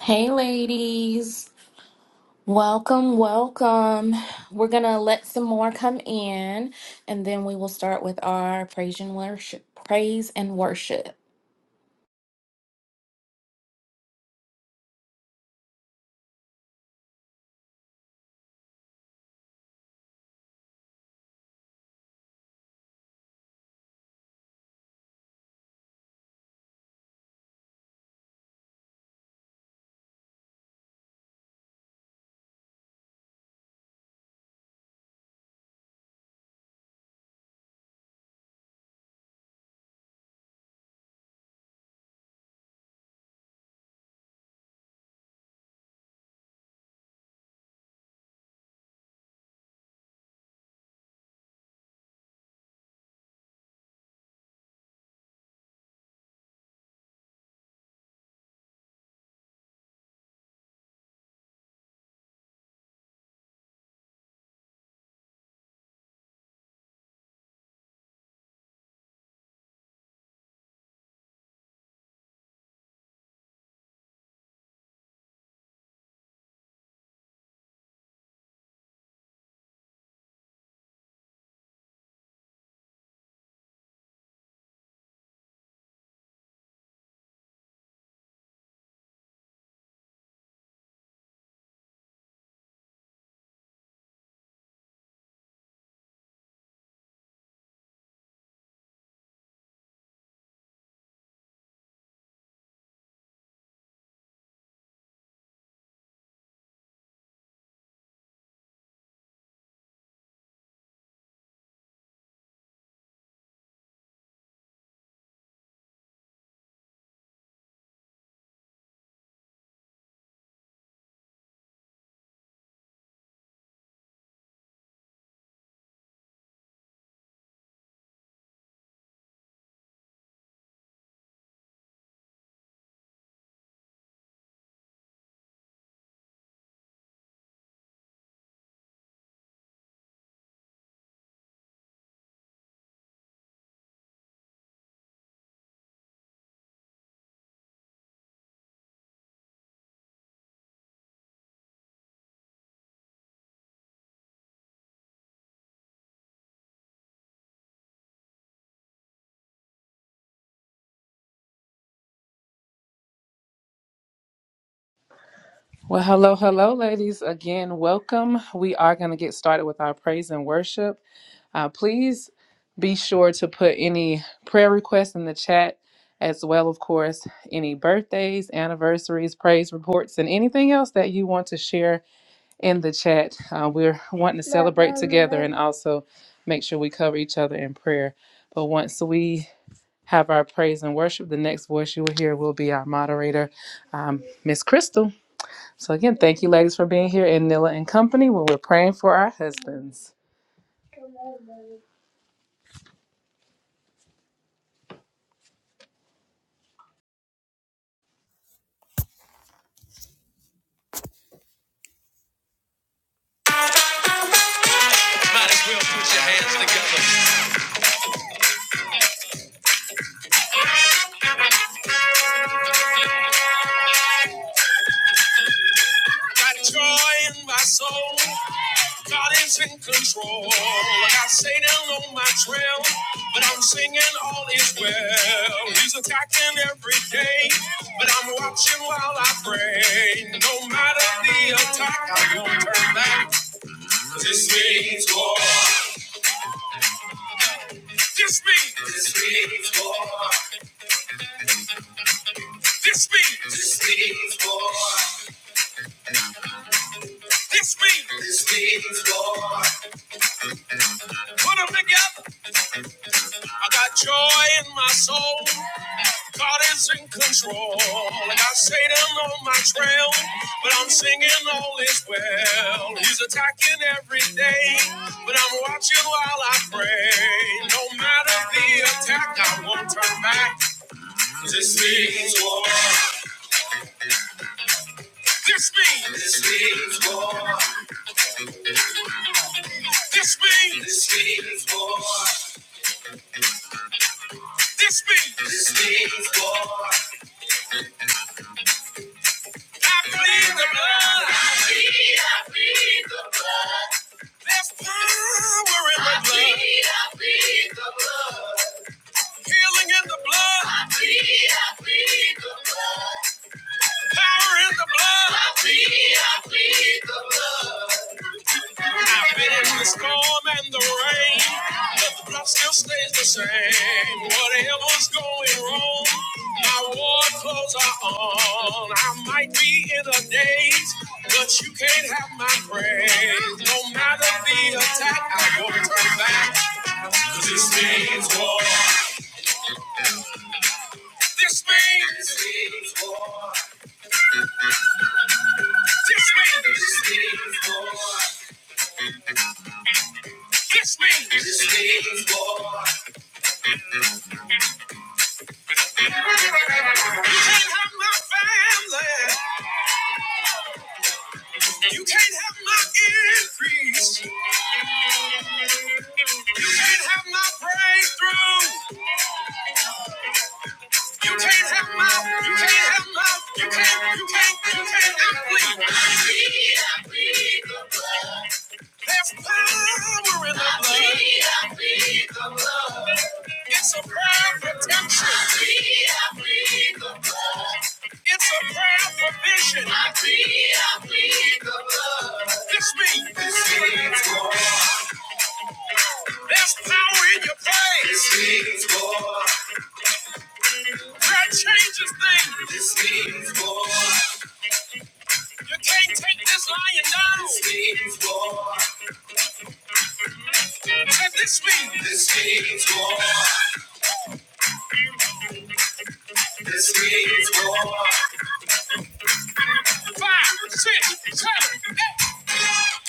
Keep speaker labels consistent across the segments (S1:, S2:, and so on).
S1: Hey, ladies. Welcome, welcome. We're going to let some more come in and then we will start with our praise and worship. Praise and worship.
S2: Well, hello, hello, ladies. Again, welcome. We are going to get started with our praise and worship. Uh, please be sure to put any prayer requests in the chat, as well, of course, any birthdays, anniversaries, praise reports, and anything else that you want to share in the chat. Uh, we're wanting also make sure we cover each other in prayer. But once we have our praise and worship, the next voice you will hear will be our moderator, um, Miss Crystal. So again, thank you ladies for being here in Nilla and Company where we're praying for our husbands. Might as well put your hands together. Got joy in my soul. God is in control. Like I stay down on my trail, but I'm singing all is well. He's attacking every day, but I'm watching while I pray. No matter the attack, I will turn back. This means war. This means, this means war. This means. This means war. This means. This means war. Put them together. I got joy in my soul. God is in control. Like I got Satan on my trail, but I'm singing all is well. He's attacking every day, but I'm watching while I pray. No matter the attack, I won't turn back. This means war. This means. This means war. This means. This means war. This means this means war. I plead the blood. There's power in the blood. Healing in the blood. Power in the blood. I've been in the storm and the rain, but the plot still stays the same. Whatever's going wrong, my war clothes are on. I might be in a daze, but you can't have my praise. No matter the attack, I won't turn back. 'Cause this means war. This means. This means war. This means. This means war. This means. This means war. You can't have my family. You can't have my increase. You can't have my breakthrough. You can't have my. You can't have my. You can't. You can't. You can't. I'm clean. There's power in the blood. I plead the blood. It's a prayer for protection. I plead, the blood. It's a prayer for vision. I plead, I plead the blood. It's me. This means war. There's power in your praise. This means war. Prayer changes things. This means war. You can't take this lion down. This means war. And this means. This means war. This is war. Five, six, seven, eight.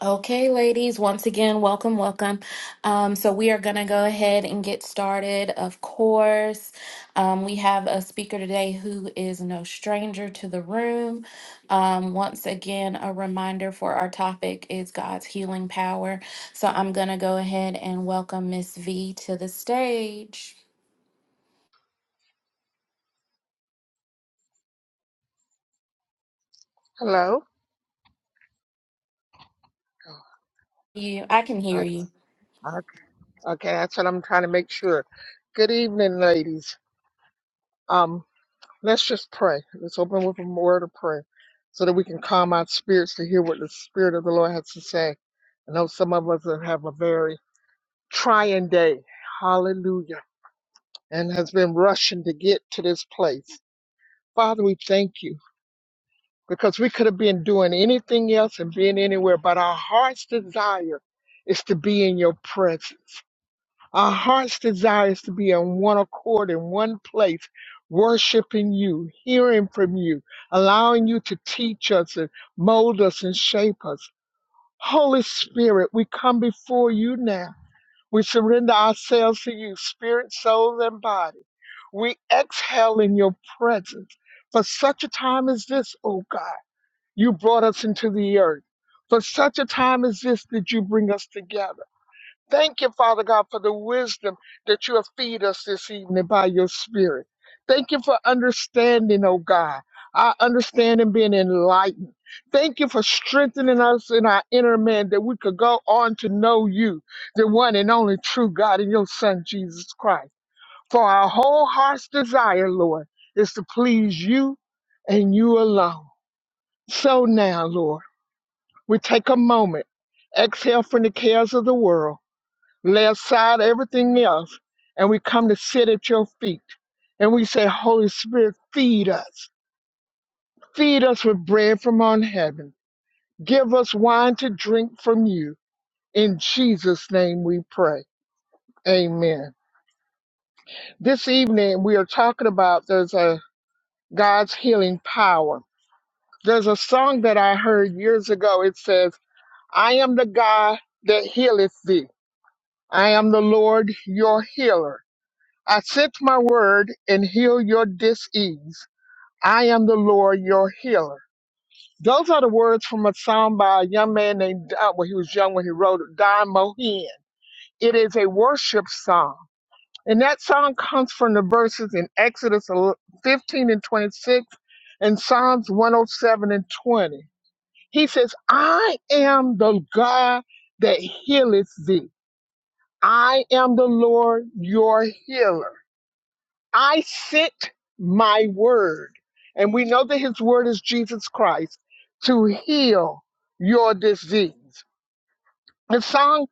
S1: Okay, ladies, once again, welcome, welcome. Um, so, we are going to go ahead and get started. Of course, um, we have a speaker today who is no stranger to the room. Um, once again, a reminder for our topic is God's healing power. So, I'm going to go ahead and welcome Miss V to the stage.
S3: Hello? Oh,
S1: You, I can hear
S3: Okay,
S1: you.
S3: okay, okay, that's what I'm trying to make sure. Good evening, ladies. Um, let's just pray. Let's open with a word of prayer so that we can calm our spirits to hear what the Spirit of the Lord has to say. I know some of us have have a very trying day. Hallelujah. And has been rushing to get to this place. Father, we thank you because we could have been doing anything else and being anywhere, but our heart's desire is to be in your presence. Our heart's desire is to be in one accord, in one place, worshiping you, hearing from you, allowing you to teach us and mold us and shape us. Holy Spirit, we come before you now. We surrender ourselves to you, spirit, soul, and body. We exhale in your presence. For such a time as this, O God, you brought us into the earth. For such a time as this did you bring us together. Thank you, Father God, for the wisdom that you have feed us this evening by your spirit. Thank you for understanding, oh God. Our understanding being enlightened. Thank you for strengthening us in our inner man that we could go on to know you, the one and only true God and your Son, Jesus Christ. For our whole heart's desire, Lord, is to please you and you alone. So now, Lord, we take a moment, exhale from the cares of the world lay aside everything else, and we come to sit at your feet. And we say, Holy Spirit, feed us. Feed us with bread from on heaven. Give us wine to drink from you. In Jesus' name we pray. Amen. This evening we are talking about there's a God's healing power. There's a song that I heard years ago. It says, I am the God that healeth thee. I am the Lord your healer. I sent my word and heal your disease. I am the Lord your healer. Those are the words from a song by a young man named Don, well, he was young when he wrote it, Don Mohin. It is a worship song. And that song comes from the verses in Exodus 15 and 26 and Psalms 107 and 20. He says, I am the God that healeth thee. I am the Lord your healer. I sent my word, and we know that his word is Jesus Christ, to heal your disease. The song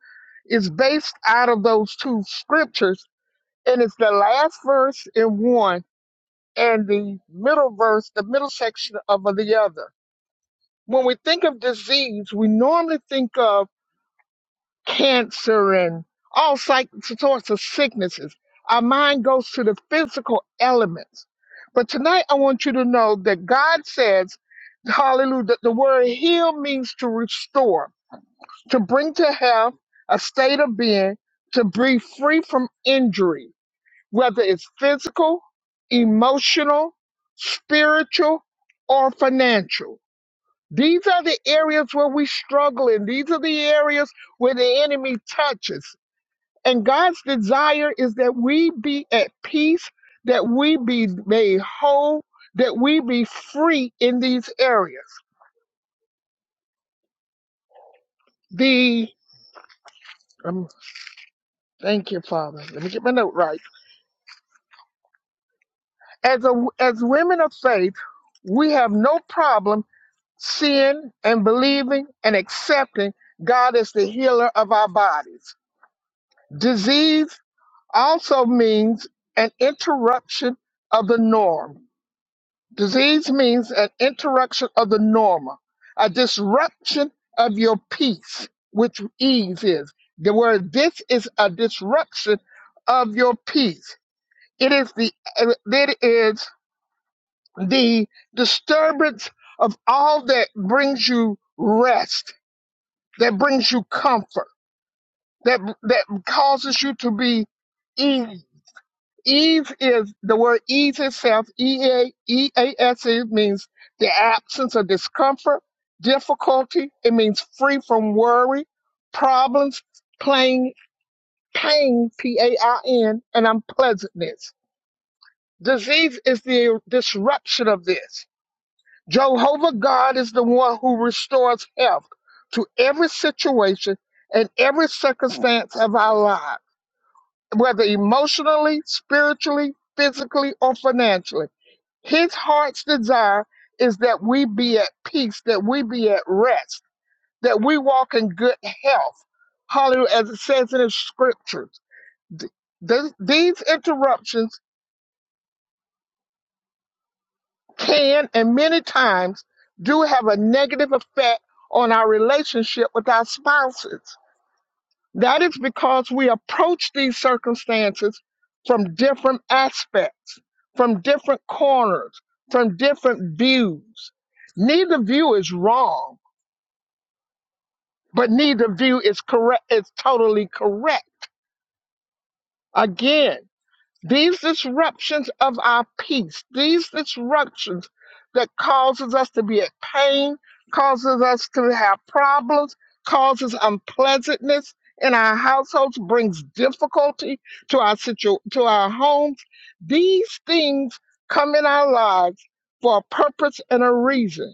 S3: is based out of those two scriptures, and it's the last verse in one and the middle verse, the middle section of the other. When we think of disease, we normally think of cancer and all psych- sorts of sicknesses. Our mind goes to the physical elements. But tonight I want you to know that God says, hallelujah, that the word heal means to restore, to bring to health, a state of being, to be free from injury, whether it's physical, emotional, spiritual, or financial. These are the areas where we struggle in. These are the areas where the enemy touches. And God's desire is that we be at peace, that we be made whole, that we be free in these areas. The um, thank you, Father. Let me get my note right. As a as women of faith, we have no problem seeing and believing and accepting God as the healer of our bodies. Disease also means an interruption of the norm Disease means an interruption of the normal, a disruption of your peace, which ease is. The word this is a disruption of your peace. It is the it is the disturbance of all that brings you rest, that brings you comfort, that that causes you to be easy Ease is the word ease itself, E A E A S E means the absence of discomfort, difficulty. It means free from worry, problems, plain pain, P A I N, and unpleasantness. Disease is the disruption of this. Jehovah God is the one who restores health to every situation and every circumstance of our lives, whether emotionally, spiritually, physically, or financially. His heart's desire is that we be at peace, that we be at rest, that we walk in good health. Hallelujah, as it says in the scriptures. Th- th- these interruptions can and many times do have a negative effect on our relationship with our spouses. That is because we approach these circumstances from different aspects, from different corners, from different views neither view is wrong but neither view is correct is totally correct again these disruptions of our peace these disruptions that causes us to be at pain causes us to have problems causes unpleasantness in our households brings difficulty to our situ- to our homes these things come in our lives for a purpose and a reason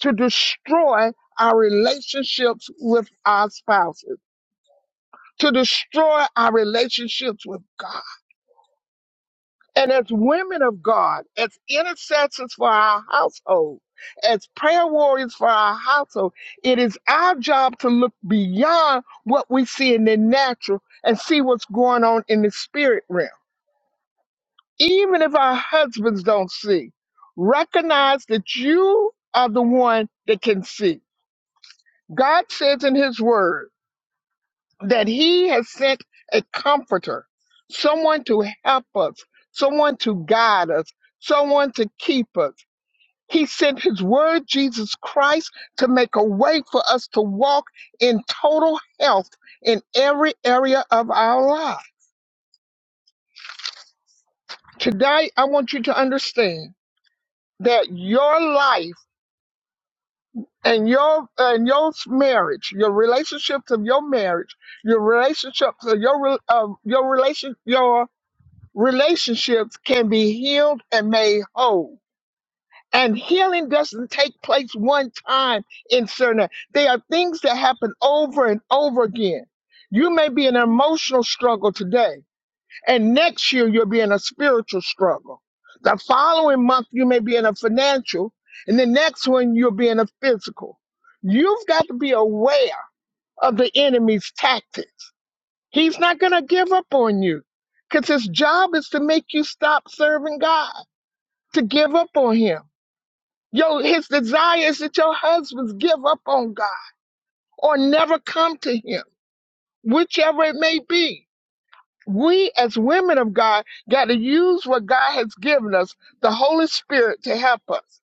S3: to destroy our relationships with our spouses to destroy our relationships with God. And as women of God, as intercessors for our household, as prayer warriors for our household, it is our job to look beyond what we see in the natural and see what's going on in the spirit realm. Even if our husbands don't see, recognize that you are the one that can see. God says in His Word, that he has sent a comforter, someone to help us, someone to guide us, someone to keep us. He sent his word, Jesus Christ, to make a way for us to walk in total health in every area of our life. Today, I want you to understand that your life and your and your marriage, your relationships of your marriage, your relationships, uh, your re- uh, your relation, your relationships can be healed and made whole. And healing doesn't take place one time in certain. They are things that happen over and over again. You may be in an emotional struggle today, and next year you'll be in a spiritual struggle. The following month you may be in a financial, and the next one you'll be in a physical. You've got to be aware of the enemy's tactics He's not going to give up on you because his job is to make you stop serving God, to give up on him. Yo, his desire is that your husbands give up on God or never come to him, whichever it may be. We as women of God got to use what God has given us, the Holy Spirit to help us,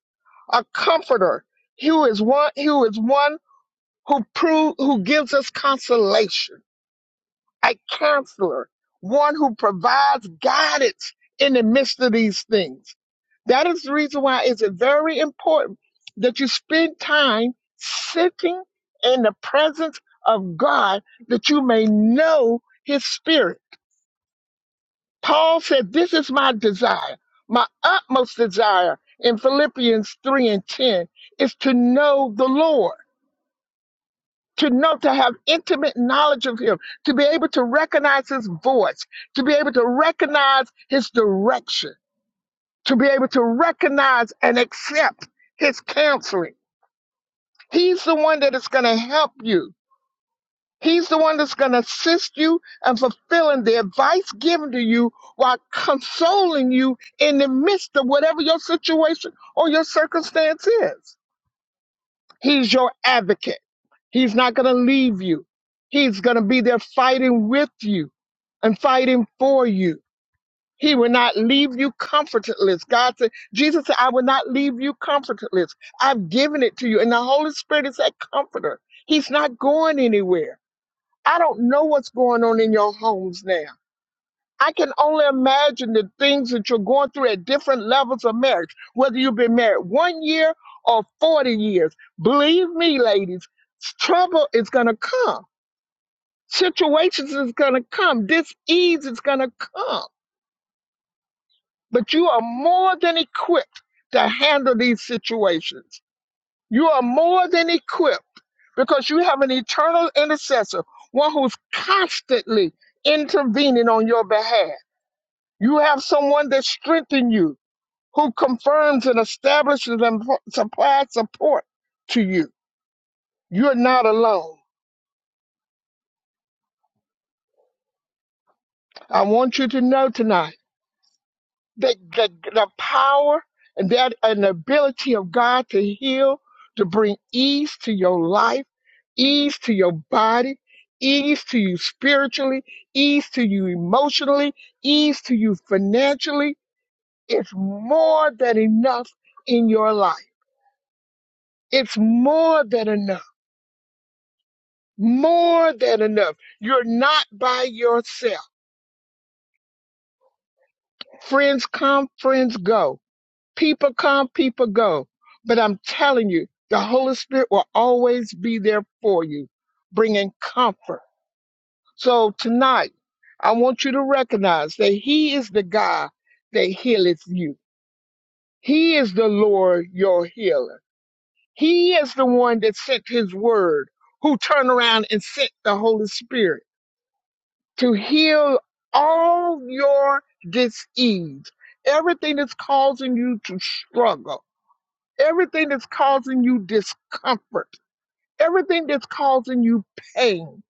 S3: a comforter who is one who is one who prove who gives us consolation a counselor, one who provides guidance in the midst of these things. That is the reason why it's very important that you spend time sitting in the presence of God that you may know his spirit. Paul said, This is my desire, my utmost desire in Philippians 3 and 10 is to know the Lord to know, to have intimate knowledge of Him, to be able to recognize His voice, to be able to recognize His direction, to be able to recognize and accept His counseling. He's the one that is going to help you. He's the one that's going to assist you and fulfilling the advice given to you while consoling you in the midst of whatever your situation or your circumstance is. He's your advocate. He's not going to leave you. He's going to be there fighting with you and fighting for you. He will not leave you comfortless. God said, Jesus said, I will not leave you comfortless. I've given it to you. And the Holy Spirit is that comforter. He's not going anywhere. I don't know what's going on in your homes now. I can only imagine the things that you're going through at different levels of marriage, whether you've been married one year or 40 years. Believe me, ladies, trouble is going to come Situations is going to come. Dis-ease is going to come. But you are more than equipped to handle these situations. You are more than equipped because you have an eternal intercessor, one who's constantly intervening on your behalf. You have someone that strengthens you, who confirms and establishes and pro- supplies support to you. You're not alone. I want you to know tonight. the, the, the power and that and the ability of God to heal, to bring ease to your life, ease to your body, ease to you spiritually, ease to you emotionally, ease to you financially. It's more than enough in your life. It's more than enough. More than enough. You're not by yourself. Friends come, friends go People come, people go. But I'm telling you, the Holy Spirit will always be there for you, bringing comfort. So tonight, I want you to recognize that He is the God that healeth you. He is the Lord your healer. He is the one that sent His word, who turned around and sent the Holy Spirit to heal all your disease, everything that's causing you to struggle everything that's causing you discomfort, everything that's causing you pain,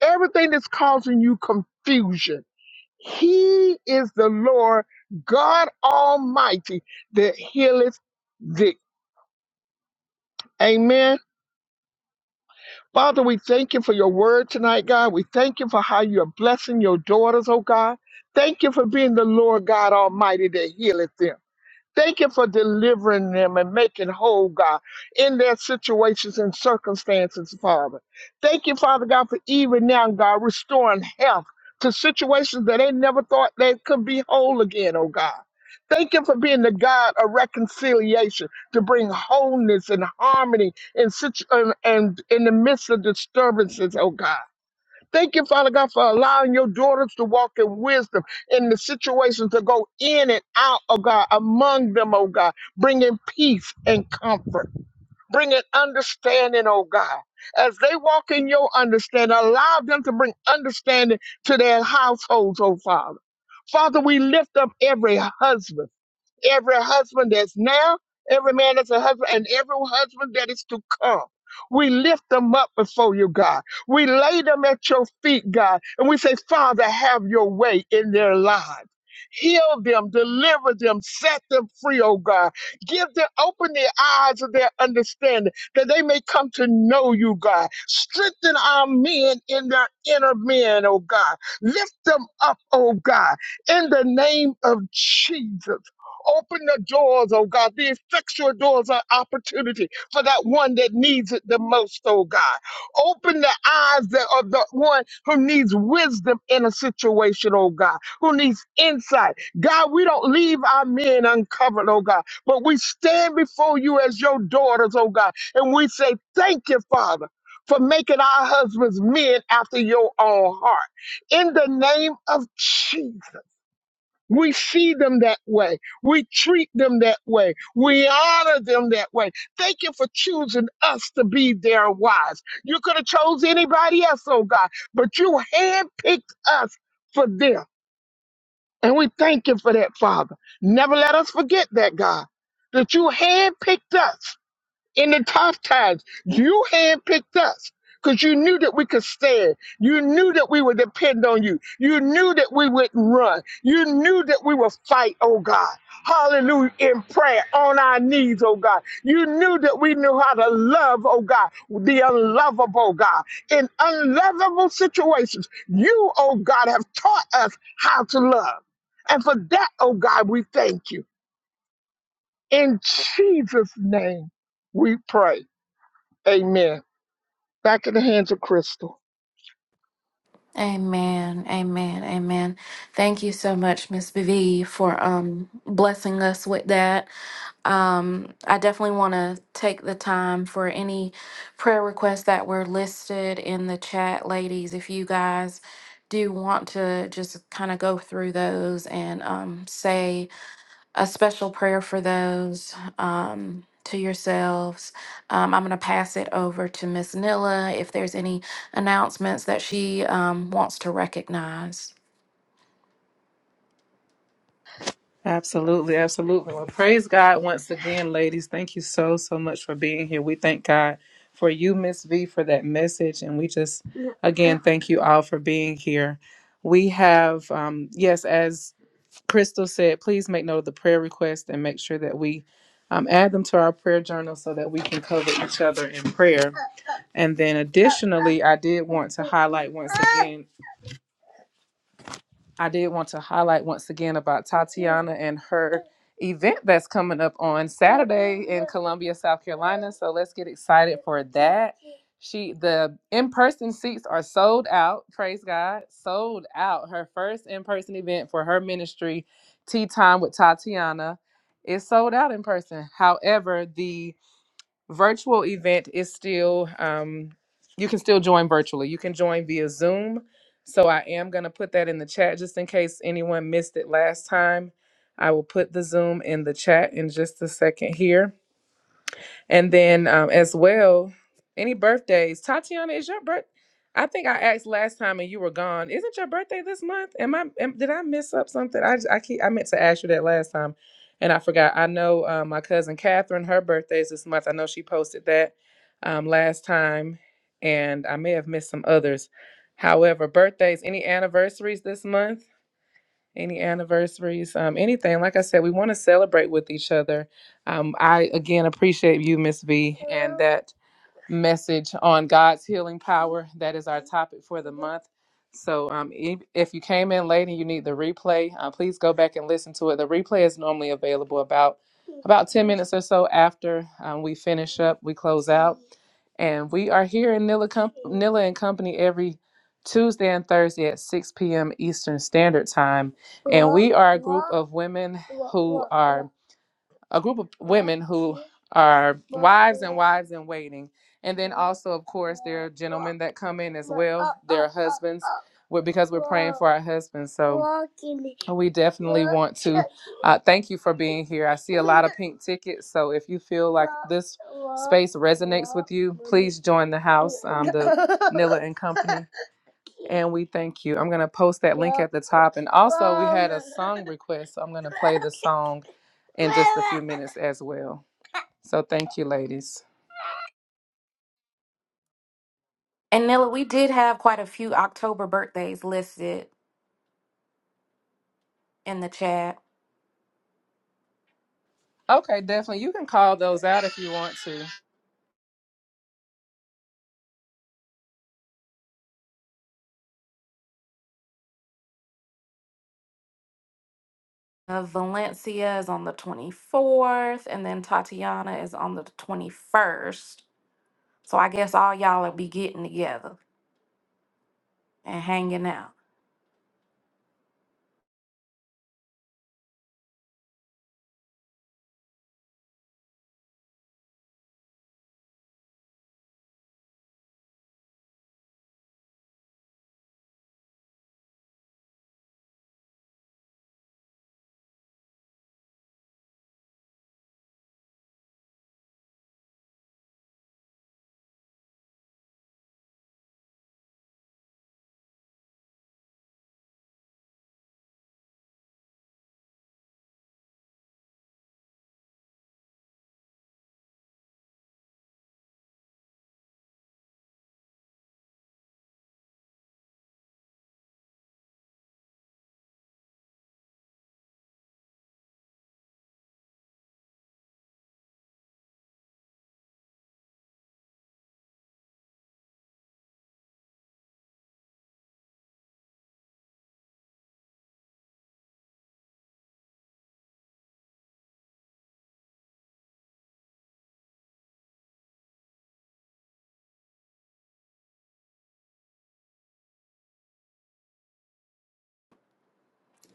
S3: everything that's causing you confusion. He is the Lord God Almighty that healeth thee. Amen. Father, we thank you for your word tonight, God. We thank you for how you're blessing your daughters, oh God. Thank you for being the Lord God Almighty that healeth them. Thank you for delivering them and making whole, God, in their situations and circumstances, Father. Thank you, Father God, for even now, God, restoring health to situations that they never thought they could be whole again, oh God. Thank you for being the God of reconciliation to bring wholeness and harmony in situ- and, and in the midst of disturbances, oh God. Thank you, Father God, for allowing your daughters to walk in wisdom in the situations to go in and out, oh God, among them, oh God, bringing peace and comfort, bringing understanding, oh God. As they walk in your understanding, allow them to bring understanding to their households, oh Father. Father, we lift up every husband every husband that's now, every man that's a husband, and every husband that is to come. We lift them up before you, God. We lay them at your feet, God. And we say, Father, have your way in their lives. Heal them, deliver them, set them free, oh God. Give them, open the eyes of their understanding that they may come to know you, God. Strengthen our men in their inner men, oh God. Lift them up, oh God, in the name of Jesus. Open the doors, oh God, the effectual doors of opportunity for that one that needs it the most, oh God. Open the eyes that, of the one who needs wisdom in a situation, oh God, who needs insight. God, we don't leave our men uncovered, oh God, but we stand before you as your daughters, oh God, and we say, Thank you, Father. For making our husbands men after your own heart. In the name of Jesus. We see them that way. We treat them that way. We honor them that way. Thank you for choosing us to be their wives. You could have chose anybody else, oh God, but you handpicked us for them. And we thank you for that, Father. Never let us forget that, God, that you handpicked us in the tough times, you handpicked us because you knew that we could stand. You knew that we would depend on you. You knew that we wouldn't run. You knew that we would fight, oh God. Hallelujah, in prayer, on our knees, oh God. You knew that we knew how to love, oh God, the unlovable, God. In unlovable situations, you, oh God, have taught us how to love. And for that, oh God, we thank you. In Jesus' name, we pray. Amen. Back in the hands of Crystal.
S1: Amen. Amen. Amen. Thank you so much, Miss V, for um blessing us with that. Um, I definitely want to take the time for any prayer requests that were listed in the chat, ladies. If you guys do want to just kind of go through those and um, say a special prayer for those um, to yourselves, um, I'm going to pass it over to Miss Nilla if there's any announcements that she um, wants to recognize.
S2: Absolutely, absolutely. Well, praise God once again, ladies. Thank you so, so much for being here. We thank God for you, Miss V, for that message. And we just, again, thank you all for being here. We have, um, yes, as Crystal said, please make note of the prayer request and make sure that we um, add them to our prayer journal so that we can cover each other in prayer. And then additionally, I did want to highlight once again, I did want to highlight once again about Tatiana and her event that's coming up on Saturday, Columbia, South Carolina. So let's get excited for that. She the in-person seats are sold out, praise God, sold out. Her first in-person event for her ministry, Tea Time with Tatiana, is sold out in person. However, the virtual event is still um, you can still join virtually you can join via zoom so i am going to put that in the chat just in case anyone missed it last time i will put the zoom in the chat in just a second here and then um, as well, any birthdays? Tatiana, is your birth? I think I asked last time and you were gone. Isn't your birthday this month? Am I? Am, did I miss up something? I just- I keep I meant to ask you that last time, and I forgot. I know uh, my cousin Catherine, her birthday is this month. I know she posted that um, last time, and I may have missed some others. However, birthdays, any anniversaries this month? Any anniversaries? Um, anything? Like I said, we want to celebrate with each other. Um, I again appreciate you, Miss V that message on God's healing power. That is topic for the month. So, um, if, if you came in late and you need the replay, uh, please go back and listen to it. The replay is normally available about about ten minutes or so after um, we finish. up, We close, and we are here in Nilla and Company every Tuesday and Thursday at six p.m. Eastern Standard Time. Of women, a group of our wives in waiting, and also that come in husbands, well, because we're our husbands. So we definitely uh, thank you for being here. I see. pink ticket. So if you feel like this res join the house and come and we thank you. I'm gonna post request. So I'm gonna song this as well. So thank you, ladies.
S1: And Nilla, we did have quite a few October birthdays listed in the chat.
S2: Okay, definitely. You can call those out if you want to.
S1: Uh, Valencia is on the 24th, and then Tatiana is on the 21st. So I guess all y'all will be getting together and hanging out.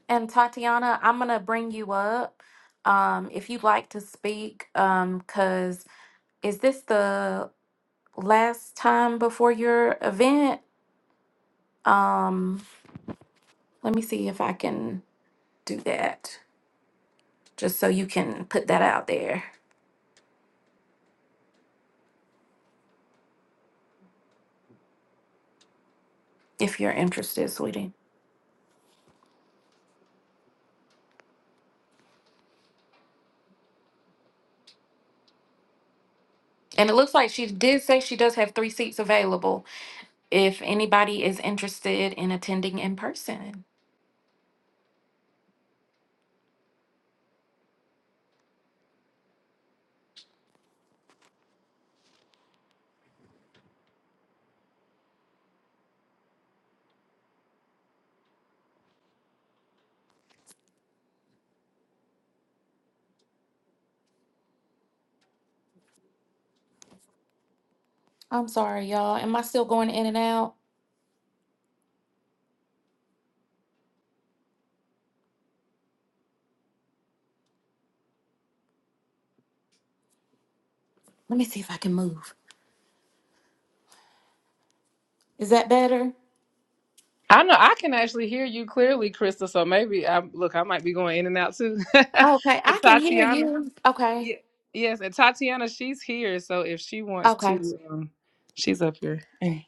S1: And Tatiana, I'm gonna bring you up um, if you'd like to speak. Um, cause is this the last time before your event? Um, let me see if I can do that, just so you can put that out there if you're interested, sweetie. And it looks like she did say she does have three seats available if anybody is interested in attending in person. I'm sorry, y'all. Am I still going in and out? Let me see if I can move. Is that better?
S2: I know I can actually hear you clearly, Krista. So maybe I look. I might be going in and out too. but
S1: Okay, I can hear
S2: Tatiana,
S1: you. Okay,
S2: yeah, yes, and Tatiana, she's here. So if she wants
S1: okay.
S2: to, um, she's up here.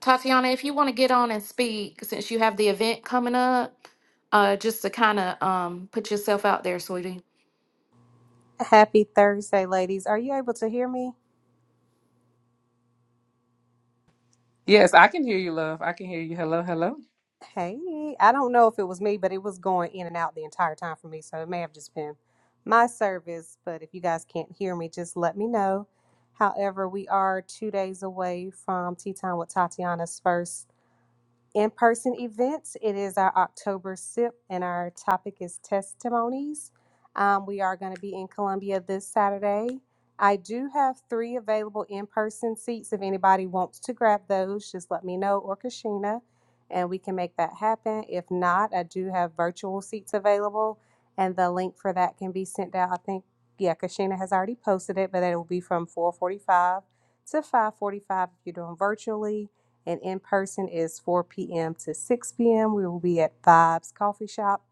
S1: Tatiana, if you want to get on and speak since you have the event coming up, uh, just to kind of um put yourself out there, sweetie.
S4: Happy Thursday, ladies. Are you able to hear me?
S2: Yes, I can hear you, love. I can hear you. Hello, hello.
S4: Hey, I don't know if it was me, but it was going in and out the entire time for me. So it may have just been my service. But if you guys can't hear me, just let me know. However, we are two days away from Tea Time with Tatiana's first in person events. It is our October SIP, and our topic is testimonies. Um, we are going to be in Columbia this Saturday. I do have three available in person seats. If anybody wants to grab those, just let me know or Kashina, and we can make that happen. If not, I do have virtual seats available, and the link for that can be sent out. I think, yeah, Kashina has already posted it, but it will be from 445 to 545 if you're doing virtually and in person is 4 p.m. to 6 p.m. We will be at Vibes Coffee Shop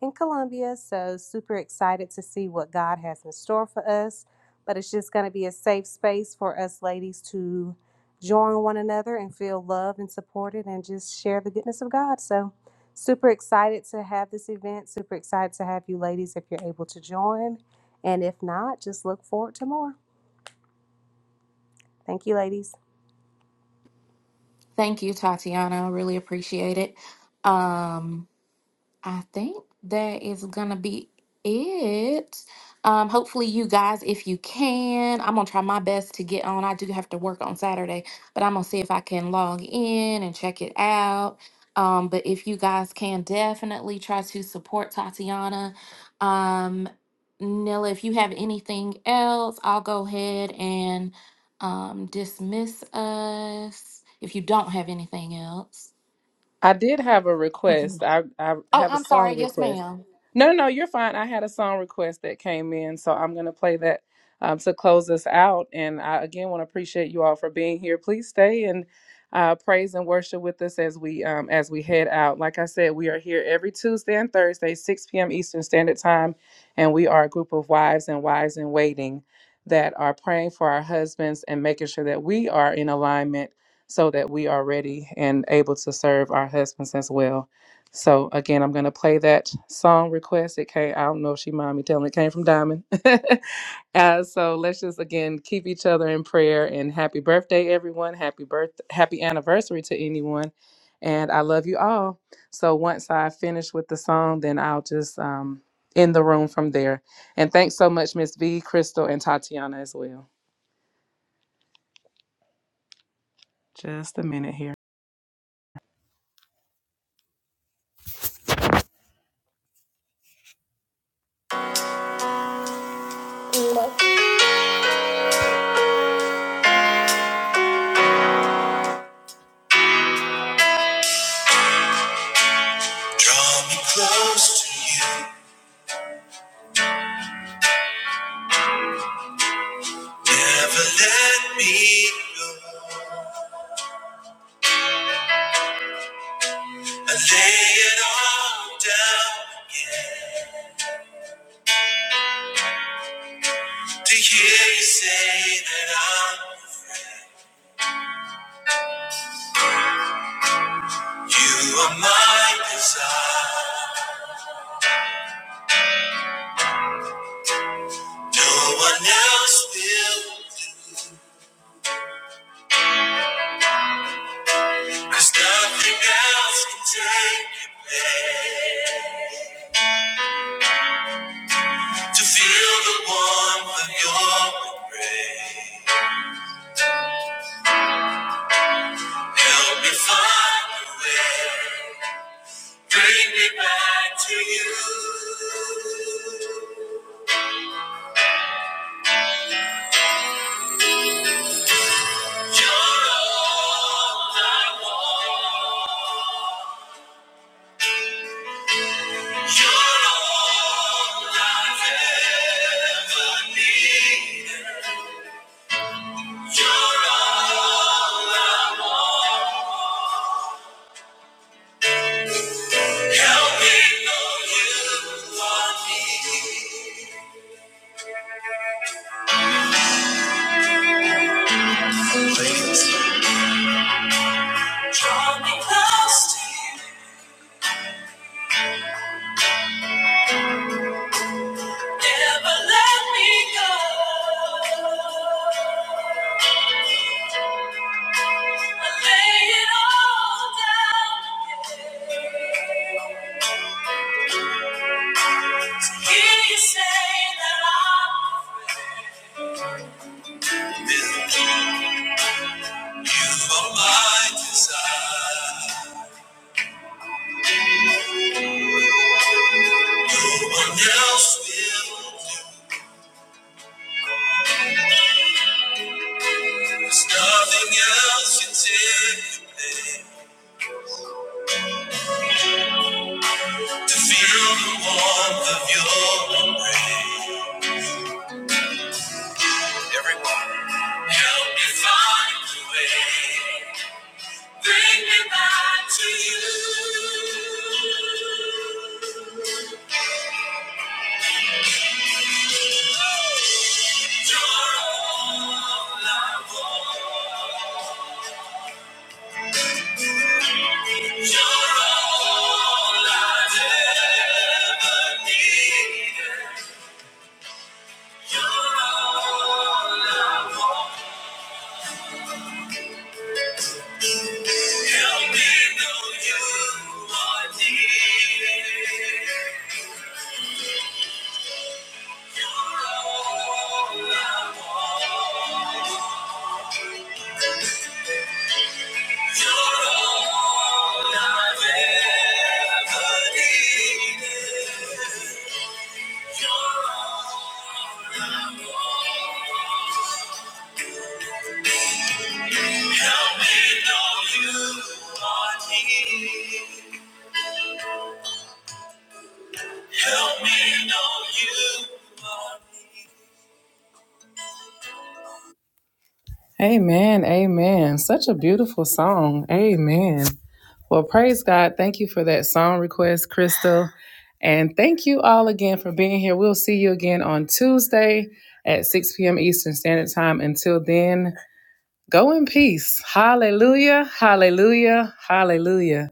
S4: in Columbia. So, super excited to see what God has in store for us. But it's just going to be a safe space for us ladies to join one another and feel loved and supported and just share the goodness of God. So, super excited to have this event. Super excited to have you ladies if you're able to join. And if not, just look forward to more. Thank you, ladies.
S1: Thank you, Tatiana. I really appreciate it. Um, I think that is gonna be it. Um, hopefully you guys, if you can, I'm gonna try my best to get on. I do have to work on Saturday, but I'm gonna see if I can log in and check it out. Um, but if you guys can definitely try to support Tatiana. Um, Nilla, if you have anything else, I'll go ahead and um dismiss us if you don't have anything else.
S2: I did have a
S1: Mhm.
S2: request. I I
S1: Oh,
S2: have a
S1: I'm
S2: song
S1: sorry. Yes,
S2: request.
S1: ma'am.
S2: No, no, you're fine. I had a song request that came in, so I'm gonna play that um, to close us out. And I again want to appreciate you all for being here. Please stay and uh, praise and worship with us as we um, as we head out. Like I said, we are here every Tuesday and Thursday, 6 p.m. Eastern Standard Time, and we are a group of wives and wives in waiting that are praying for our husbands and making sure that we are in alignment so that we are ready and able to serve our husbands as well. So again, I'm gonna play that song request. It came, I don't know if she mind me telling it came from Diamond. uh, so let's just again keep each other in prayer and happy birthday, everyone. Happy birth happy anniversary to anyone. And I love you all. So once I finish with the song, then I'll just um end the room from there. And thanks so much, Miss V, Crystal, and Tatiana as well. Just a minute here. Draw me close to you. Never let me go. I lay it all down yeah, to hear you say that I'm. You are my desire. No one else will. do, Cause nothing else can take your place. To feel the warmth of your embrace. Help me find a way. Bring me back to you. You're all I want. You're all I've ever needed. You're all I want. Help me know you want me. Draw me close to you. Never let me go. I lay it all down. again. To hear you say that I'm free. For my desire, no one else will. do. There's nothing else you take away to feel the warmth of your embrace. Everyone. Help me find the way. Bring me back to you. You're all I want. You're all I'd ever needed. You're all I want. Help me know you are near. You're all I want. You're all I've ever needed. You're all I want. Help me know you are near. Help me know you are near. Amen. Amen. Such a beautiful song. Amen. Well, praise God. Thank you for that song request, Crystal. And thank you all again for being here. We'll see you again on Tuesday at 6 p.m. Eastern Standard Time. Until then, go in peace. Hallelujah. Hallelujah. Hallelujah.